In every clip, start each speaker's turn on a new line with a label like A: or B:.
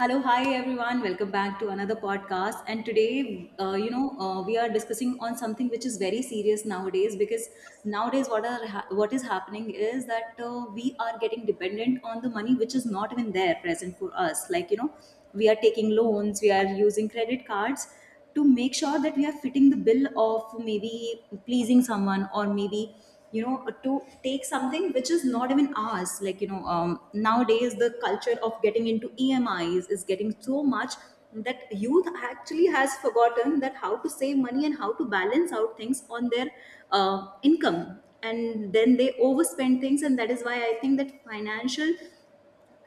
A: Hello, hi everyone. Welcome back to another podcast. And today, we are discussing on something which is very serious nowadays, because nowadays what is happening is that we are getting dependent on the money which is not even there present for us. Like, we are taking loans, we are using credit cards, to make sure that we are fitting the bill of maybe pleasing someone, or maybe you know to take something which is not even ours, like nowadays the culture of getting into EMIs is getting so much that youth actually has forgotten that how to save money and how to balance out things on their income, and then they overspend things. And that is why I think that financial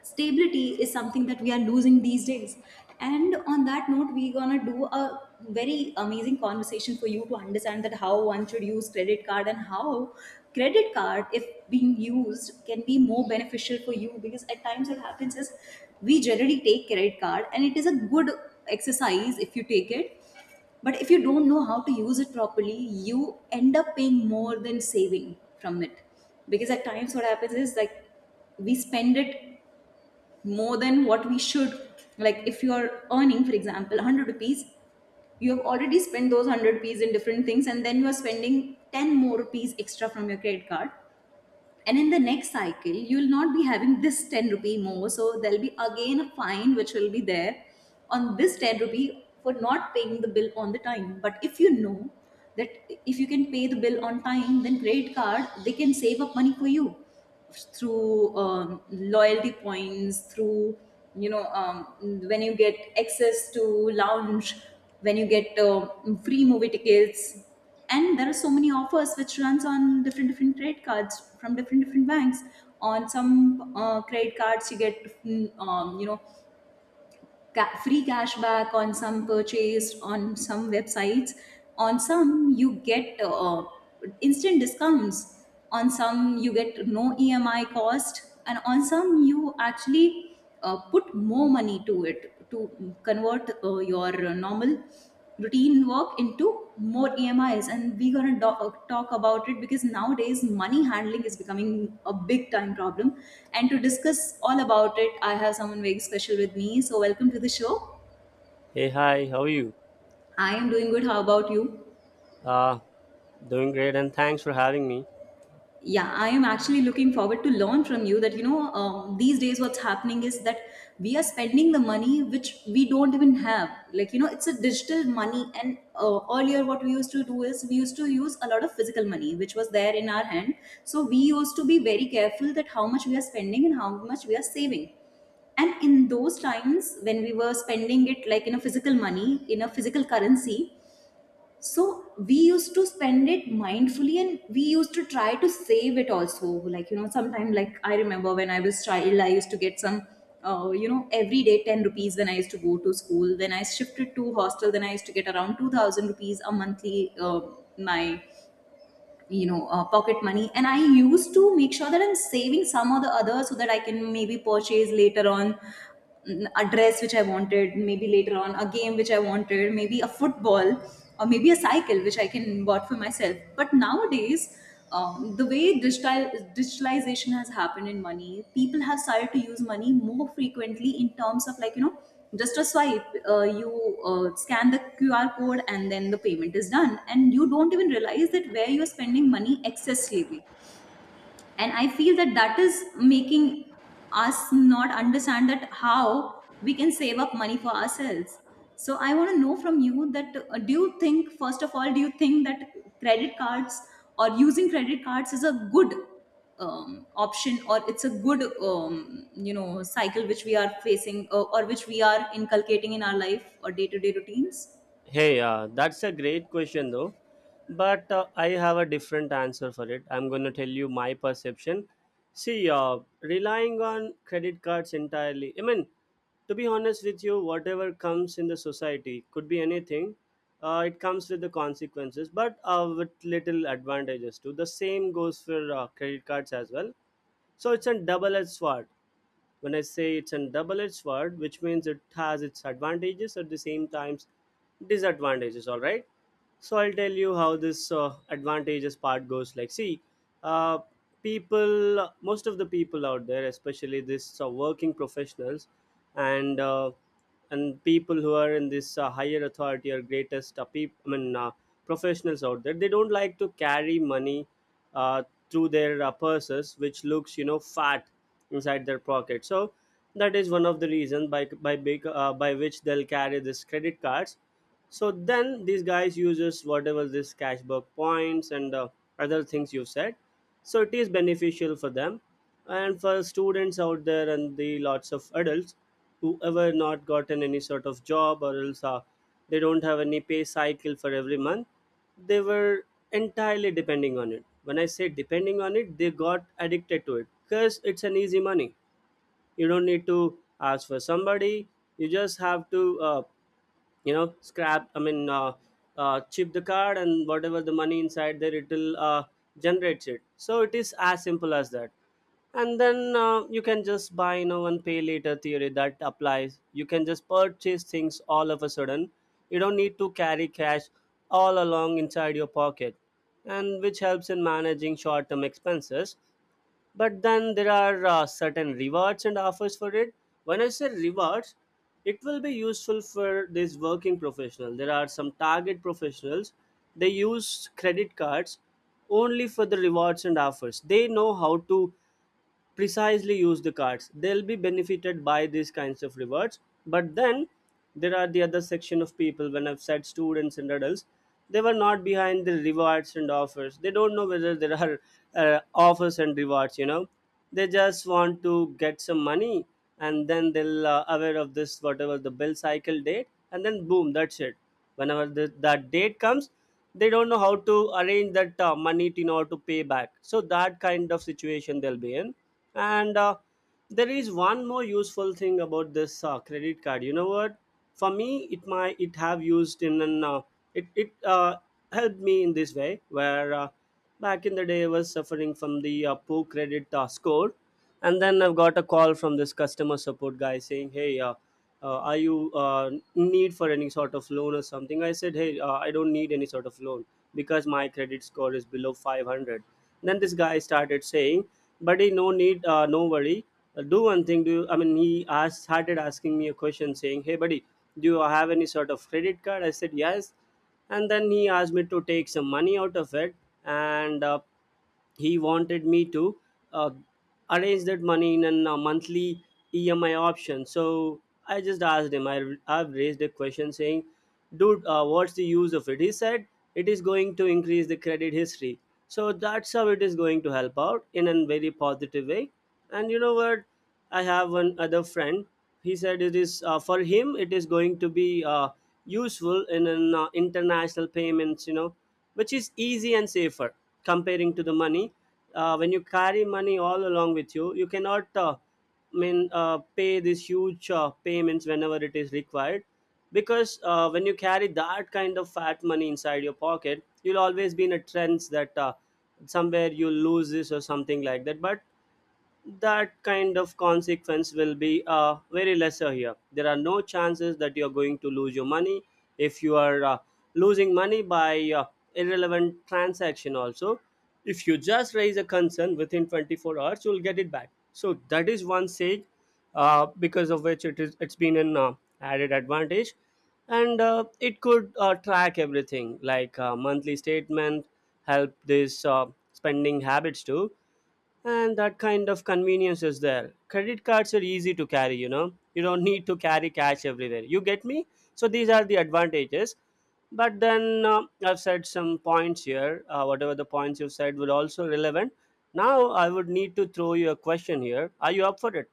A: stability is something that we are losing these days. And on that note, we're gonna do a very amazing conversation for you to understand that how one should use credit card, and how credit card, if being used, can be more beneficial for you. Because at times what happens is, we generally take credit card, and it is a good exercise if you take it, but if you don't know how to use it properly, you end up paying more than saving from it. Because at times what happens is, like, we spend it more than what we should. Like if you are earning, for example, 100 rupees, you have already spent those 100 rupees in different things, and then you are spending 10 more rupees extra from your credit card, and in the next cycle you'll not be having this 10 rupee more, so there'll be again a fine which will be there on this 10 rupee for not paying the bill on the time. But if you know that, if you can pay the bill on time, then credit card, they can save up money for you through loyalty points, through you know um, when you get access to lounge, when you get free movie tickets, and there are so many offers which runs on different different credit cards from different different banks. On some credit cards you get free cash back on some purchase on some websites. On some you get instant discounts. On some you get no EMI cost, and on some you actually put more money to it to convert your normal routine work into more EMIs. And we're going to talk about it, because nowadays money handling is becoming a big time problem. And to discuss all about it, I have someone very special with me. So, welcome to the show.
B: Hey, hi, how are you?
A: I am doing good. How about you?
B: Uh, Doing great, and thanks for having me.
A: Yeah, I am actually looking forward to learn from you that these days what's happening is that we are spending the money which we don't even have, like it's a digital money. And earlier what we used to do is, we used to use a lot of physical money which was there in our hand, so we used to be very careful that how much we are spending and how much we are saving. And in those times when we were spending it, like in a physical money, in a physical currency, so we used to spend it mindfully, and we used to try to save it also. Like sometimes, like I remember when I was child, I used to get some every day 10 rupees when I used to go to school. When I shifted to hostel, then I used to get around 2000 rupees a monthly, my pocket money. And I used to make sure that I'm saving some or the other, so that I can maybe purchase later on a dress which I wanted, maybe later on a game which I wanted, maybe a football, or maybe a cycle which I can bought for myself. But nowadays, the way digital, digitalization has happened in money, people have started to use money more frequently, in terms of like just a swipe, you scan the QR code and then the payment is done, and you don't even realize that where you're spending money excessively. And I feel that that is making us not understand that how we can save up money for ourselves. So I want to know from you that do you think, first of all, do you think that credit cards or using credit cards is a good option, or it's a good cycle which we are facing, or which we are inculcating in our life or day-to-day routines?
B: Hey, that's a great question, though, but I have a different answer for it. I'm going to tell you my perception. See, relying on credit cards entirely, I mean, to be honest with you, whatever comes in the society could be anything. It comes with the consequences, but with little advantages too. The same goes for credit cards as well. So it's a double-edged sword. When I say it's a double-edged sword, which means it has its advantages, at the same times disadvantages. All right, so I'll tell you how this advantages part goes. Like, see, uh, people, most of the people out there, especially this working professionals, and uh, and people who are in this higher authority or greatest professionals out there, they don't like to carry money uh, through their purses, which looks, you know, fat inside their pocket. So that is one of the reasons by big by which they'll carry this credit cards. So then these guys uses whatever this cashback points and other things you said. So it is beneficial for them and for students out there and the lots of adults who ever not gotten any sort of job or else they don't have any pay cycle for every month. They were entirely depending on it. When I say depending on it, they got addicted to it because it's an easy money. You don't need to ask for somebody. You just have to you know scrap I mean chip the card, and whatever the money inside there, it will generates it. So it is as simple as that. And then you can just buy, you know, and pay later theory that applies. You can just purchase things all of a sudden. You don't need to carry cash all along inside your pocket, and which helps in managing short term expenses. But then there are certain rewards and offers for it. When I say rewards, it will be useful for this working professional. There are some target professionals, they use credit cards only for the rewards and offers. They know how to precisely use the cards. They'll be benefited by these kinds of rewards. But then there are the other section of people, when I've said students and adults, they were not behind the rewards and offers. They don't know whether there are offers and rewards, you know. They just want to get some money, and then they'll aware of this whatever the bill cycle date, and then boom, that's it. Whenever that date comes, they don't know how to arrange that in order to pay back. So that kind of situation they'll be in. And there is one more useful thing about this credit card. You know what? For me, it might it have used in an it, it helped me in this way where back in the day, I was suffering from the poor credit score. And then I've got a call from this customer support guy saying, "Hey, are you need for any sort of loan or something?" I said, "Hey, I don't need any sort of loan because my credit score is below 500." Then this guy started saying, "Buddy, no need, no worry. Do one thing, do you," I mean, he asked started asking me a question saying, "Hey buddy, do you have any sort of credit card?" I said, "Yes." And then he asked me to take some money out of it, and he wanted me to uh, arrange that money in a monthly EMI option. So I just asked him, I have raised a question saying, "Dude, what's the use of it?" He said, "It is going to increase the credit history." So that's how it is going to help out in a very positive way. And you know what? I have one other friend. He said it is for him, it is going to be useful in an international payments, you know, which is easy and safer comparing to the money. When you carry money all along with you, you cannot, I mean, pay these huge payments whenever it is required, because when you carry that kind of fat money inside your pocket, you'll always be in a trends that somewhere you lose this or something like that. But that kind of consequence will be very lesser here. There are no chances that you're going to lose your money. If you are losing money by irrelevant transaction also, if you just raise a concern within 24 hours, you'll get it back. So that is one sage because of which it is, it's been an added advantage. And it could track everything, like monthly statement, help this spending habits too. And that kind of convenience is there. Credit cards are easy to carry, you know. You don't need to carry cash everywhere. You get me? So these are the advantages. But then, um, I've said some points here. Uh, whatever the points you said were also relevant. Now I would need to throw you a question here. Are you up for it?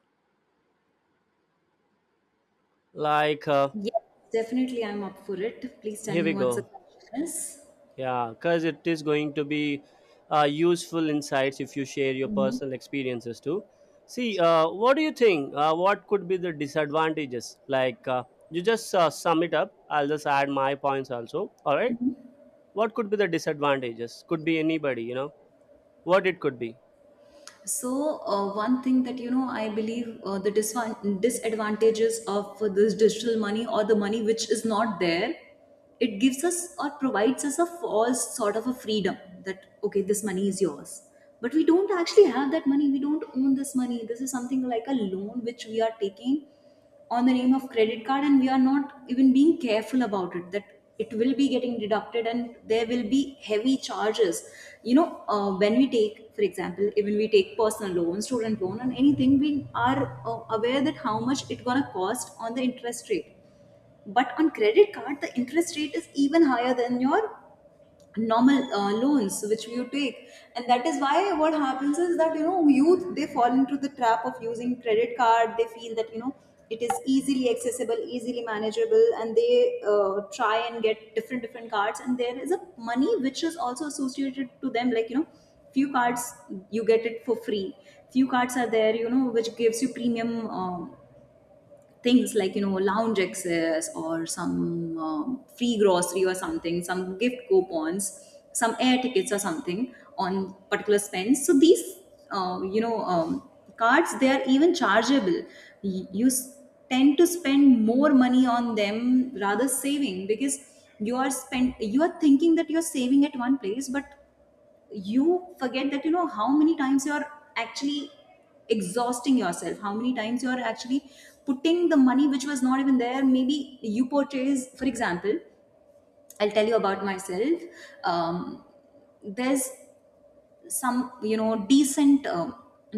B: Like,
A: Yes, definitely I'm up for it. Please tell
B: here
A: me
B: we
A: what's the
B: go.
A: question is.
B: Yeah, because it is going to be useful insights if you share your
A: Mhm.
B: personal experiences too. See, what do you think? What could be the disadvantages? Like, you just sum it up. I'll just add my points also. All right. What could be the disadvantages? Could be anybody, you know, what it could be.
A: So one thing that I believe, the disadvantages of this digital money or the money which is not there, it gives us or provides us a false sort of a freedom that, okay, this money is yours, but we don't actually have that money. We don't own this money. This is something like a loan which we are taking on the name of credit card, and we are not even being careful about it, that it will be getting deducted and there will be heavy charges. you know when we take, for example, even we take personal loan, student loan and anything, we are aware that how much it gonna cost on the interest rate. But on credit card, the interest rate is even higher than your normal loans which you take. And that is why what happens is that youth, they fall into the trap of using credit card. They feel that it is easily accessible, easily manageable, and they try and get different different cards. And there is a money which is also associated to them, like few cards you get it for free, few cards are there which gives you premium things, like lounge access, or some free grocery or something, some gift coupons, some air tickets or something on particular spends. So these uh, you know um, cards, they are even chargeable. Y- you s- tend to spend more money on them rather saving, because you are thinking that you're saving at one place, but you forget that how many times you're actually exhausting yourself, how many times you're actually putting the money which was not even there. Maybe you purchase, for example. I'll tell you about myself. um, there's some decent,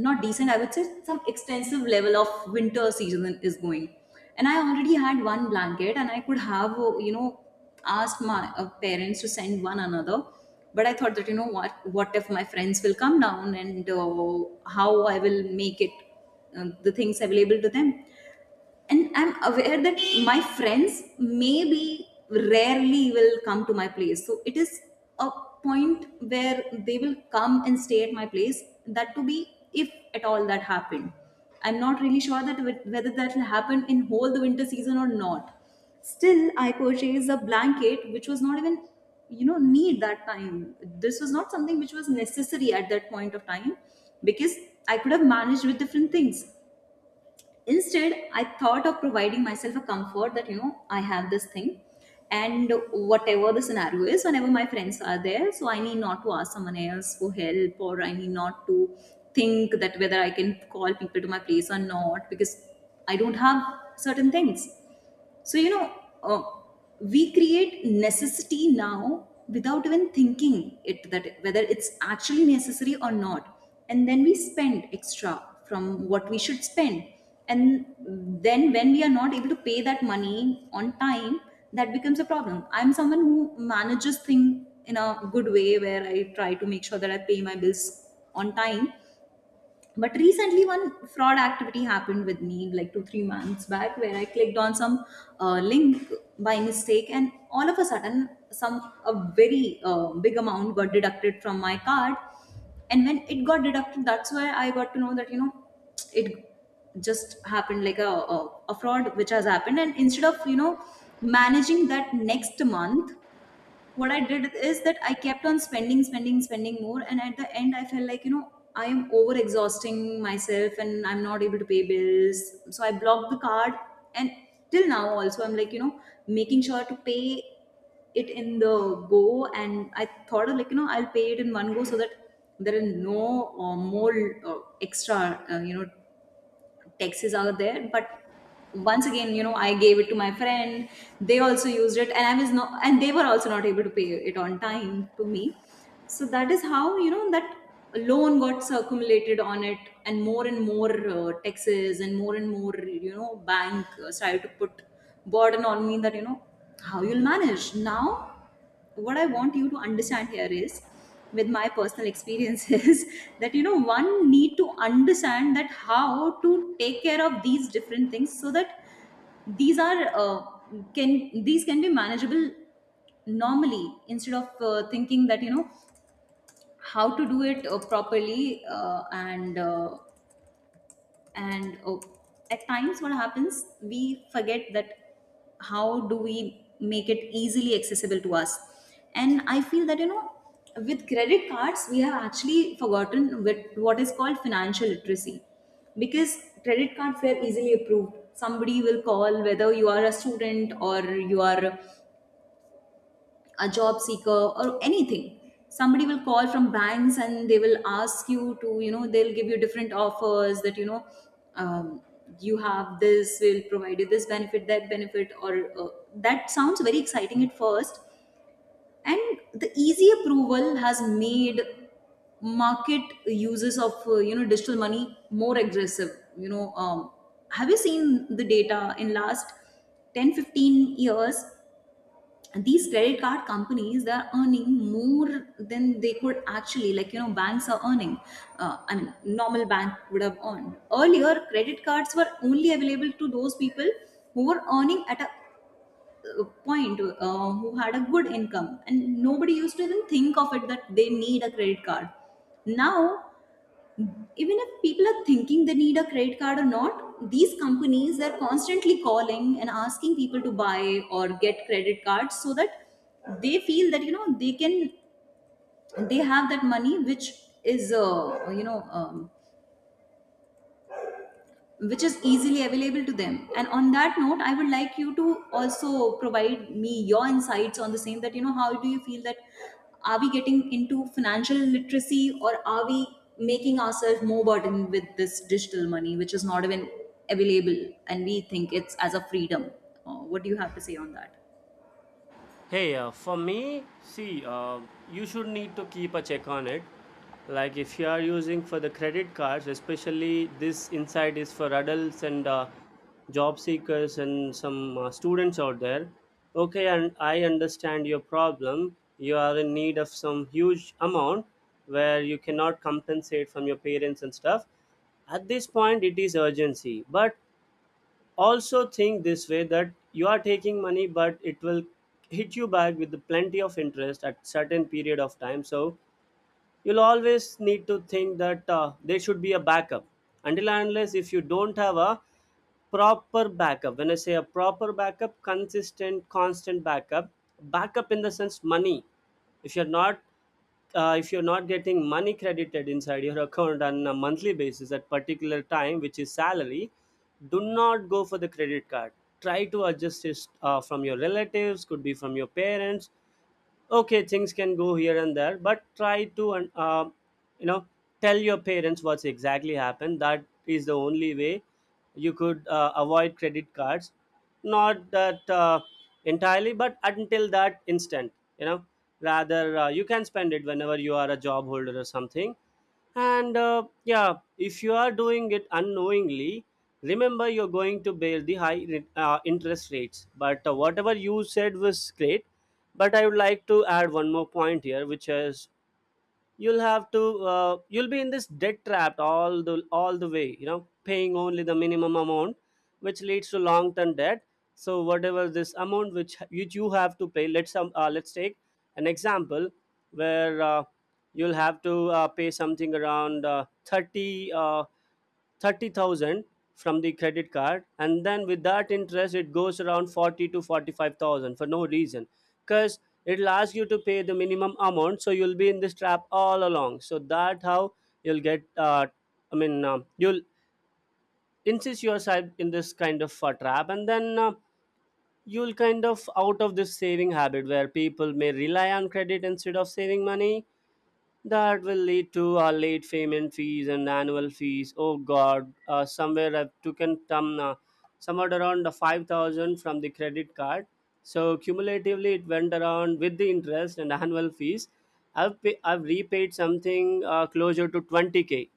A: not decent I would say, some extensive level of winter season is going, and I already had one blanket, and I could have asked my parents to send one another. But I thought that, you know what if my friends will come down, and how I will make it, the things available to them. And I'm aware that my friends maybe rarely will come to my place, so it is a point where they will come and stay at my place, that to be, if at all that happened. I'm not really sure that whether that will happen in whole the winter season or not. Still, I purchased a blanket which was not even need that time. This was not something which was necessary at that point of time, because I could have managed with different things. Instead, I thought of providing myself a comfort that I have this thing, and whatever the scenario is, whenever my friends are there, so I need not to ask someone else for help, or I need not to think that whether I can call people to my place or not, because I don't have certain things. So, uh, we create necessity now without even thinking it that whether it's actually necessary or not. And then we spend extra from what we should spend. And then when we are not able to pay that money on time, that becomes a problem. I'm someone who manages things in a good way where I try to make sure that I pay my bills on time, but recently one fraud activity happened with me like 2-3 months back where I clicked on some link by mistake, and all of a sudden some a very big amount got deducted from my card. And when it got deducted, that's where I got to know that you know it just happened like a fraud which has happened. And instead of you know managing that next month, what I did is that I kept on spending, spending, spending more, and at the end, I felt like you know I am over exhausting myself, and I'm not able to pay bills. So I blocked the card, and till now also I'm like you know making sure to pay it in the go. And I thought of like you know I'll pay it in one go so that there are no more extra you know taxis are there. But once again, you know, I gave it to my friend. They also used it, and I was not, and they were also not able to pay it on time to me. So that is how you know that loan got circumulated on it, and more taxes and more you know bank started to put burden on me that you know how you'll manage now. What I want you to understand here is, with my personal experiences that you know one need to understand that how to take care of these different things so that these are can these can be manageable. Normally, instead of thinking that you know how to do it properly and oh, at times what happens, we forget that how do we make it easily accessible to us. And I feel that you know with credit cards we have actually forgotten with what is called financial literacy, because credit cards were easily approved. Somebody will call whether you are a student or you are a job seeker or anything. Somebody will call from banks and they will ask you to, you know, they'll give you different offers that you know um, you have this, will provide you this benefit, that benefit, or that sounds very exciting at first. And the easy approval has made market uses of you know digital money more aggressive. You know, have you seen the data in last 10-15 years? And these credit card companies, they're earning more than they could actually, like you know, banks are earning, I mean normal bank would have earned. Earlier credit cards were only available to those people who were earning at a point, who had a good income, and nobody used to even think of it that they need a credit card. Now, even if people are thinking they need a credit card or not, these companies, they're constantly calling and asking people to buy or get credit cards so that they feel that you know they can, they have that money which is which is easily available to them. And on that note, I would like you to also provide me your insights on the same, that you know how do you feel that are we getting into financial literacy or are we making ourselves more burdened with this digital money which is not even available, and we think it's as a freedom. What do you have to say on that?
B: Hey, for me, see, you should need to keep a check on it. Like, if you are using for the credit cards, especially this insight is for adults and job seekers and some students out there. Okay, and I understand your problem. You are in need of some huge amount where you cannot compensate from your parents and stuff. At this point, it is urgency, but also think this way, that you are taking money but it will hit you back with the plenty of interest at certain period of time. So you'll always need to think that there should be a backup. Until and unless, if you don't have a proper backup, when I say a proper backup, consistent constant backup, backup in the sense money. If you're not if you're not getting money credited inside your account on a monthly basis at particular time, which is salary, do not go for the credit card. Try to adjust it from your relatives, could be from your parents. Okay, things can go here and there, but try to, and you know, tell your parents what's exactly happened. That is the only way you could avoid credit cards, not that entirely, but until that instant, you know. Rather, you can spend it whenever you are a job holder or something. And yeah, if you are doing it unknowingly, remember you're going to bear the high interest rates. But whatever you said was great, but I would like to add one more point here, which is, you'll have to you'll be in this debt trap all the way, you know, paying only the minimum amount, which leads to long term debt. So whatever this amount, which you have to pay, let's take an example where you'll have to pay something around uh, 30 uh, 30,000 from the credit card, and then with that interest it goes around 40 to 45,000 for no reason, because it'll ask you to pay the minimum amount. So you'll be in this trap all along. So that how you'll get you'll insist yourself in this kind of trap, and then you'll kind of out of this saving habit where people may rely on credit instead of saving money. That will lead to late payment fees and annual fees. Oh God, somewhere I've taken somewhat around the 5,000 from the credit card. So cumulatively, it went around with the interest and annual fees. I've repaid something closer to 20K.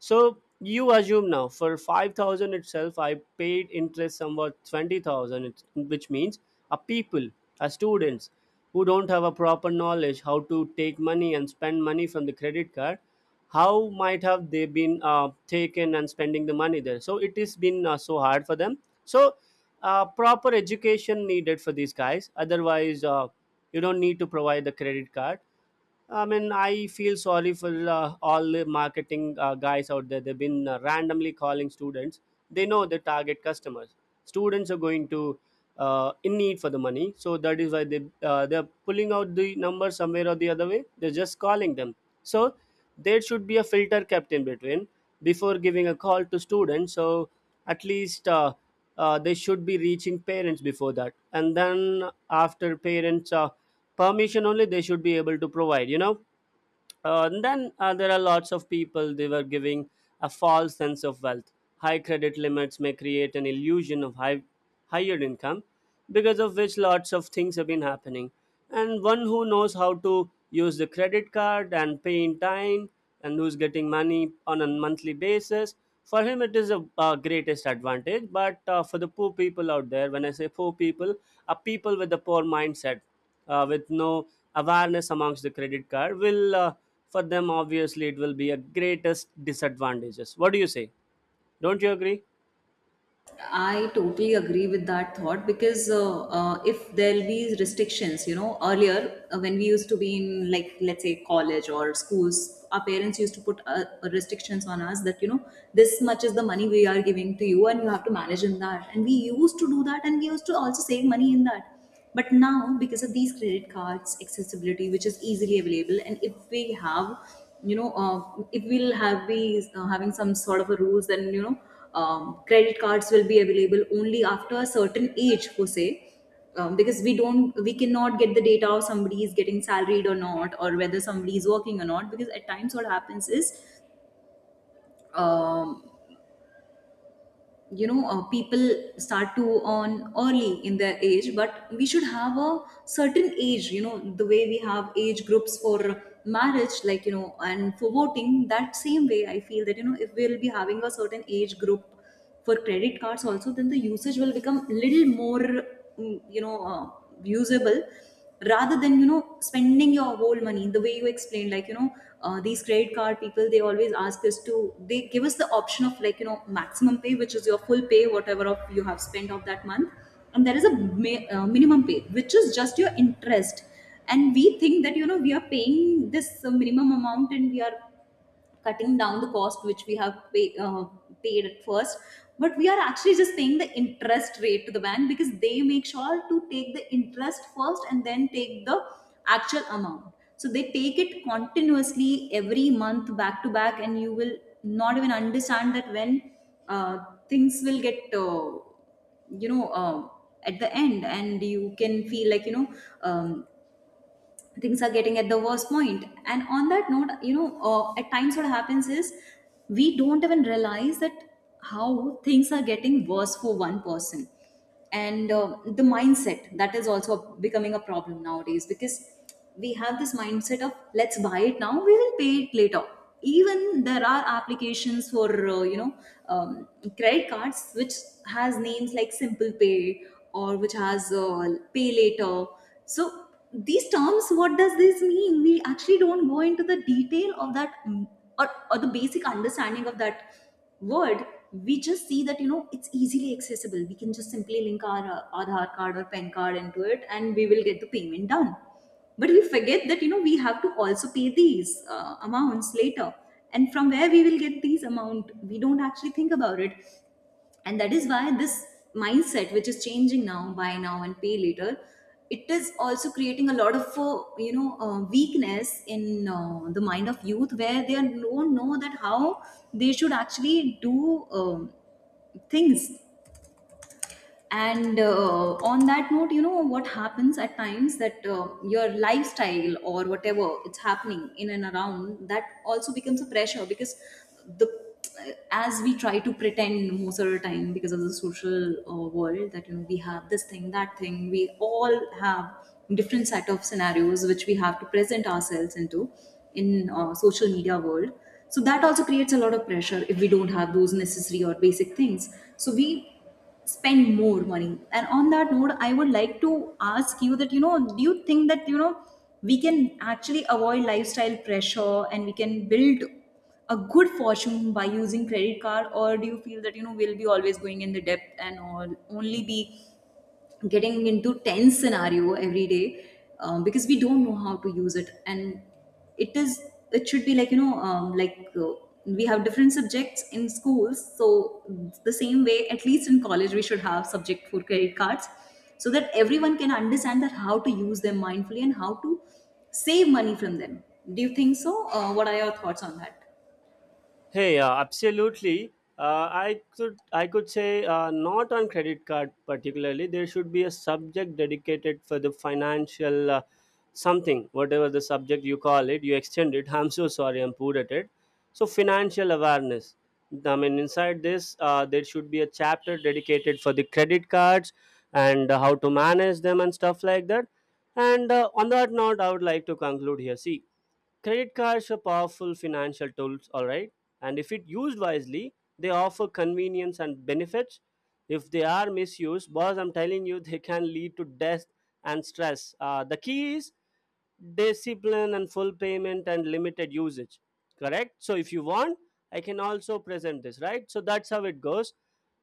B: So you assume now for 5,000 itself, I paid interest somewhat 20,000, it's- which means a people, a students who don't have a proper knowledge how to take money and spend money from the credit card, how might have they been taken and spending the money there? So it has been so hard for them. So proper education needed for these guys. Otherwise, you don't need to provide the credit card. I mean, I feel sorry for all the marketing guys out there. They've been randomly calling students. They know the target customers. Students are going to, in need for the money, so that is why they're pulling out the number somewhere or the other way. They're just calling them. So there should be a filter kept in between before giving a call to students. So at least. They should be reaching parents before that, and then after parents' permission only they should be able to provide, and then there are lots of people they were giving a false sense of wealth. High credit limits may create an illusion of higher income, because of which lots of things have been happening. And one who knows how to use the credit card and pay in time and who's getting money on a monthly basis, for him it is a greatest advantage. But for the poor people out there, when I say poor people, are people with a poor mindset, with no awareness amongst the credit card will, for them obviously it will be a greatest disadvantages. What do you say? Don't you agree?
A: I totally agree with that thought because if there'll be restrictions, you know, earlier when we used to be in like let's say college or schools, our parents used to put restrictions on us that you know this much is the money we are giving to you and you have to manage in that, and we used to do that and we used to also save money in that. But now, because of these credit cards, accessibility, which is easily available, and if we have, you know, if we'll have be having some sort of a rules, then you know, credit cards will be available only after a certain age, per se. Because we cannot get the data of somebody is getting salaried or not, or whether somebody is working or not. Because at times, what happens is, um, you know people start to earn early in their age, but we should have a certain age. You know, the way we have age groups for marriage, like you know, and for voting, that same way I feel that you know if we'll be having a certain age group for credit cards also, then the usage will become little more mm, you know usable, rather than you know spending your whole money the way you explained, like you know these credit card people, they always ask us to, they give us the option of like you know maximum pay, which is your full pay whatever of you have spent of that month, and there is a minimum pay, which is just your interest. And we think that you know we are paying this minimum amount and we are cutting down the cost which we have paid at first, but we are actually just paying the interest rate to the bank, because they make sure to take the interest first and then take the actual amount. So they take it continuously every month back to back, and you will not even understand that when uh, things will get you know uh, at the end, and you can feel like you know um, things are getting at the worst point. And on that note, you know, at times what happens is we don't even realize that how things are getting worse for one person. And the mindset that is also becoming a problem nowadays, because we have this mindset of let's buy it now, we will pay it later. Even there are applications for um, credit cards which has names like simple pay or which has pay later. So these terms, what does this mean? We actually don't go into the detail of that, mm, or the basic understanding of that word. We just see that you know it's easily accessible, we can just simply link our aadhaar card or PAN card into it and we will get the payment done. But we forget that you know we have to also pay these amounts later, and from where we will get these amount, we don't actually think about it. And that is why this mindset which is changing now, buy now and pay later, it is also creating a lot of weakness in the mind of youth, where they don't know that how they should actually do things. And on that note, you know, what happens at times that your lifestyle or whatever it's happening in and around, that also becomes a pressure, because the, as we try to pretend most of the time because of the social world, that you know we have this thing, that thing, we all have different set of scenarios which we have to present ourselves into, in social media world. So that also creates a lot of pressure if we don't have those necessary or basic things. So we spend more money. And on that note, I would like to ask you that you know do you think that you know we can actually avoid lifestyle pressure and we can build a good fortune by using credit card, or do you feel that you know we'll be always going in the debt and all, only be getting into tense scenario every day, because we don't know how to use it. And it is, it should be like, you know, we have different subjects in schools, so the same way, at least in college, we should have subject for credit cards, so that everyone can understand that how to use them mindfully and how to save money from them. Do you think so? What are your thoughts on that?
B: Hey, absolutely. I could say not on credit card particularly. There should be a subject dedicated for the financial something, whatever the subject you call it. You extend it. I'm so sorry. I'm poor at it. So financial awareness. I mean, inside this, there should be a chapter dedicated for the credit cards and how to manage them and stuff like that. And on that note, I would like to conclude here. See, credit cards are powerful financial tools, all right? And if it used wisely, they offer convenience and benefits. If they are misused, boss, I'm telling you, they can lead to death and stress. The key is discipline and full payment and limited usage. Correct? So if you want, I can also present this, right? So that's how it goes.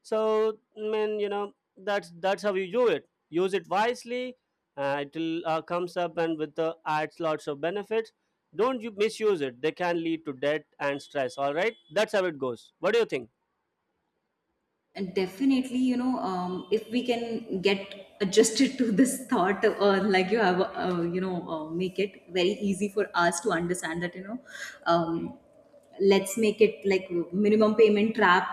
B: So, I mean, you know, that's how you do it. Use it wisely. It will comes up and with the adds lots of benefits. Don't you misuse it. They can lead to debt and stress. All right, that's how it goes. What do you think?
A: And definitely, you know, if we can get adjusted to this thought, or like you have, you know, make it very easy for us to understand that, you know, um, let's make it like minimum payment trap,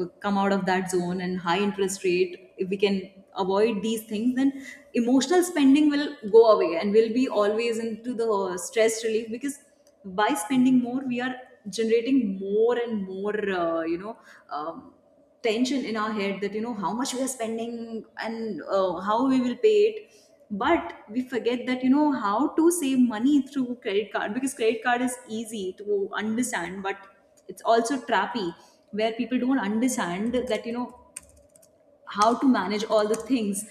A: come out of that zone, and high interest rate. If we can avoid these things, then emotional spending will go away, and we'll be always into the stress relief, because by spending more, we are generating more and more, you know. Um, tension in our head that you know how much we are spending and how we will pay it, but we forget that you know how to save money through credit card because credit card is easy to understand, but it's also trappy, where people don't understand that you know how to manage all the things.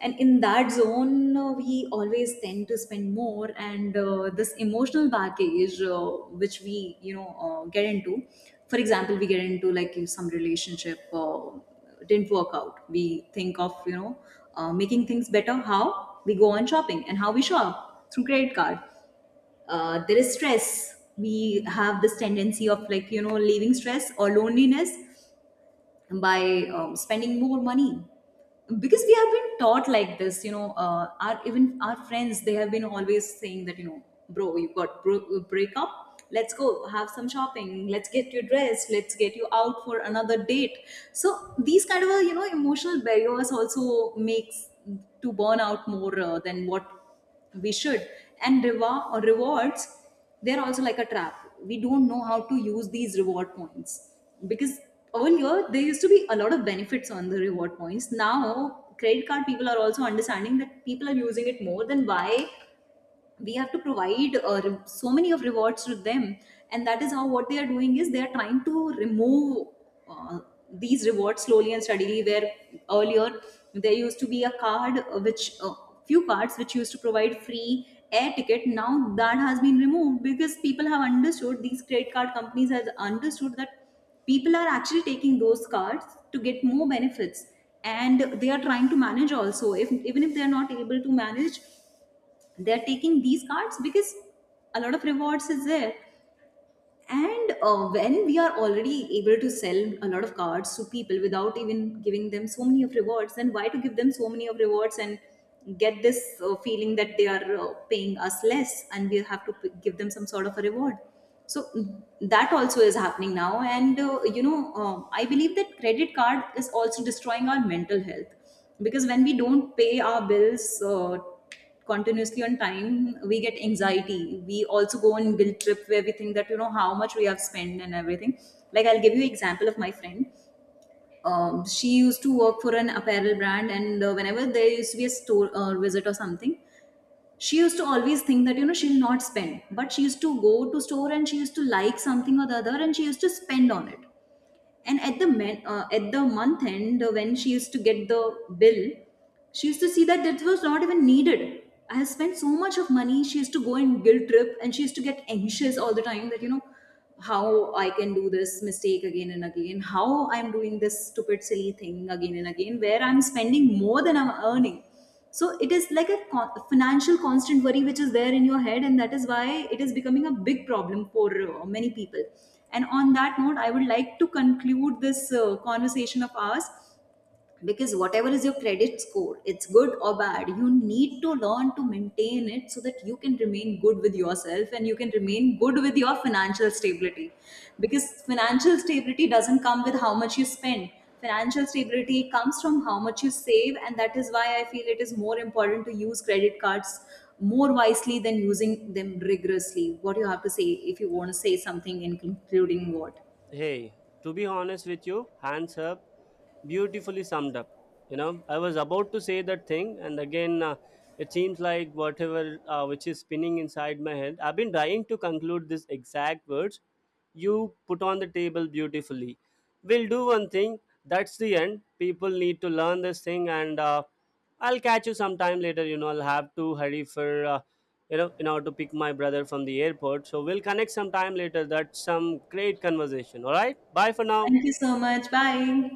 A: And in that zone, we always tend to spend more, and this emotional baggage, which we get into. For example, we get into like in some relationship, didn't work out, we think of making things better, how we go on shopping and how we shop through credit card. There is stress. We have this tendency of like you know leaving stress or loneliness by spending more money, because we have been taught like this, you know. Our, even our friends, they have been always saying that, you know, bro, you got break up, let's go have some shopping, let's get you dressed, let's get you out for another date. So these kind of you know emotional barriers also makes to burn out more than what we should. And reward or rewards, they're also like a trap. We don't know how to use these reward points, because earlier there used to be a lot of benefits on the reward points. Now credit card people are also understanding that people are using it more, then why we have to provide so many of rewards to them. And that is how, what they are doing is they are trying to remove uh, these rewards slowly and steadily. Where earlier there used to be a card, which, few cards which used to provide free air ticket, now that has been removed because people have understood, these credit card companies have understood that people are actually taking those cards to get more benefits, and they are trying to manage also, if even if they are not able to manage, they're taking these cards because a lot of rewards is there. And when we are already able to sell a lot of cards to people without even giving them so many of rewards, then why to give them so many of rewards and get this feeling that they are paying us less and we have to give them some sort of a reward. So that also is happening now, and I believe that credit card is also destroying our mental health, because when we don't pay our bills continuously on time, we get anxiety, we also go on guilt trip where we think that you know how much we have spent and everything. Like I'll give you example of my friend. She used to work for an apparel brand, and whenever there used to be a store visit or something, she used to always think that you know she'll not spend, but she used to go to store and she used to like something or the other and she used to spend on it. And at the at the month end, when she used to get the bill, she used to see that that was not even needed. I have spent so much of money. She used to go in guilt trip and she used to get anxious all the time that you know how I can do this mistake again and again, how I'm doing this stupid silly thing again and again, where I'm spending more than I'm earning. So it is like a financial constant worry which is there in your head, and that is why it is becoming a big problem for many people. And on that note, I would like to conclude this conversation of ours, because whatever is your credit score, it's good or bad, you need to learn to maintain it so that you can remain good with yourself and you can remain good with your financial stability. Because financial stability doesn't come with how much you spend. Financial stability comes from how much you save, and that is why I feel it is more important to use credit cards more wisely than using them rigorously. What do you have to say, if you want to say something in concluding what.
B: Hey, to be honest with you, hands up, beautifully summed up. You know, I was about to say that thing, and again, it seems like whatever which is spinning inside my head. I've been trying to conclude this exact words. You put on the table beautifully. We'll do one thing. That's the end. People need to learn this thing, and I'll catch you sometime later. You know, I'll have to hurry for, in order to pick my brother from the airport. So we'll connect sometime later. That's some great conversation. All right. Bye for now.
A: Thank you so much, bye.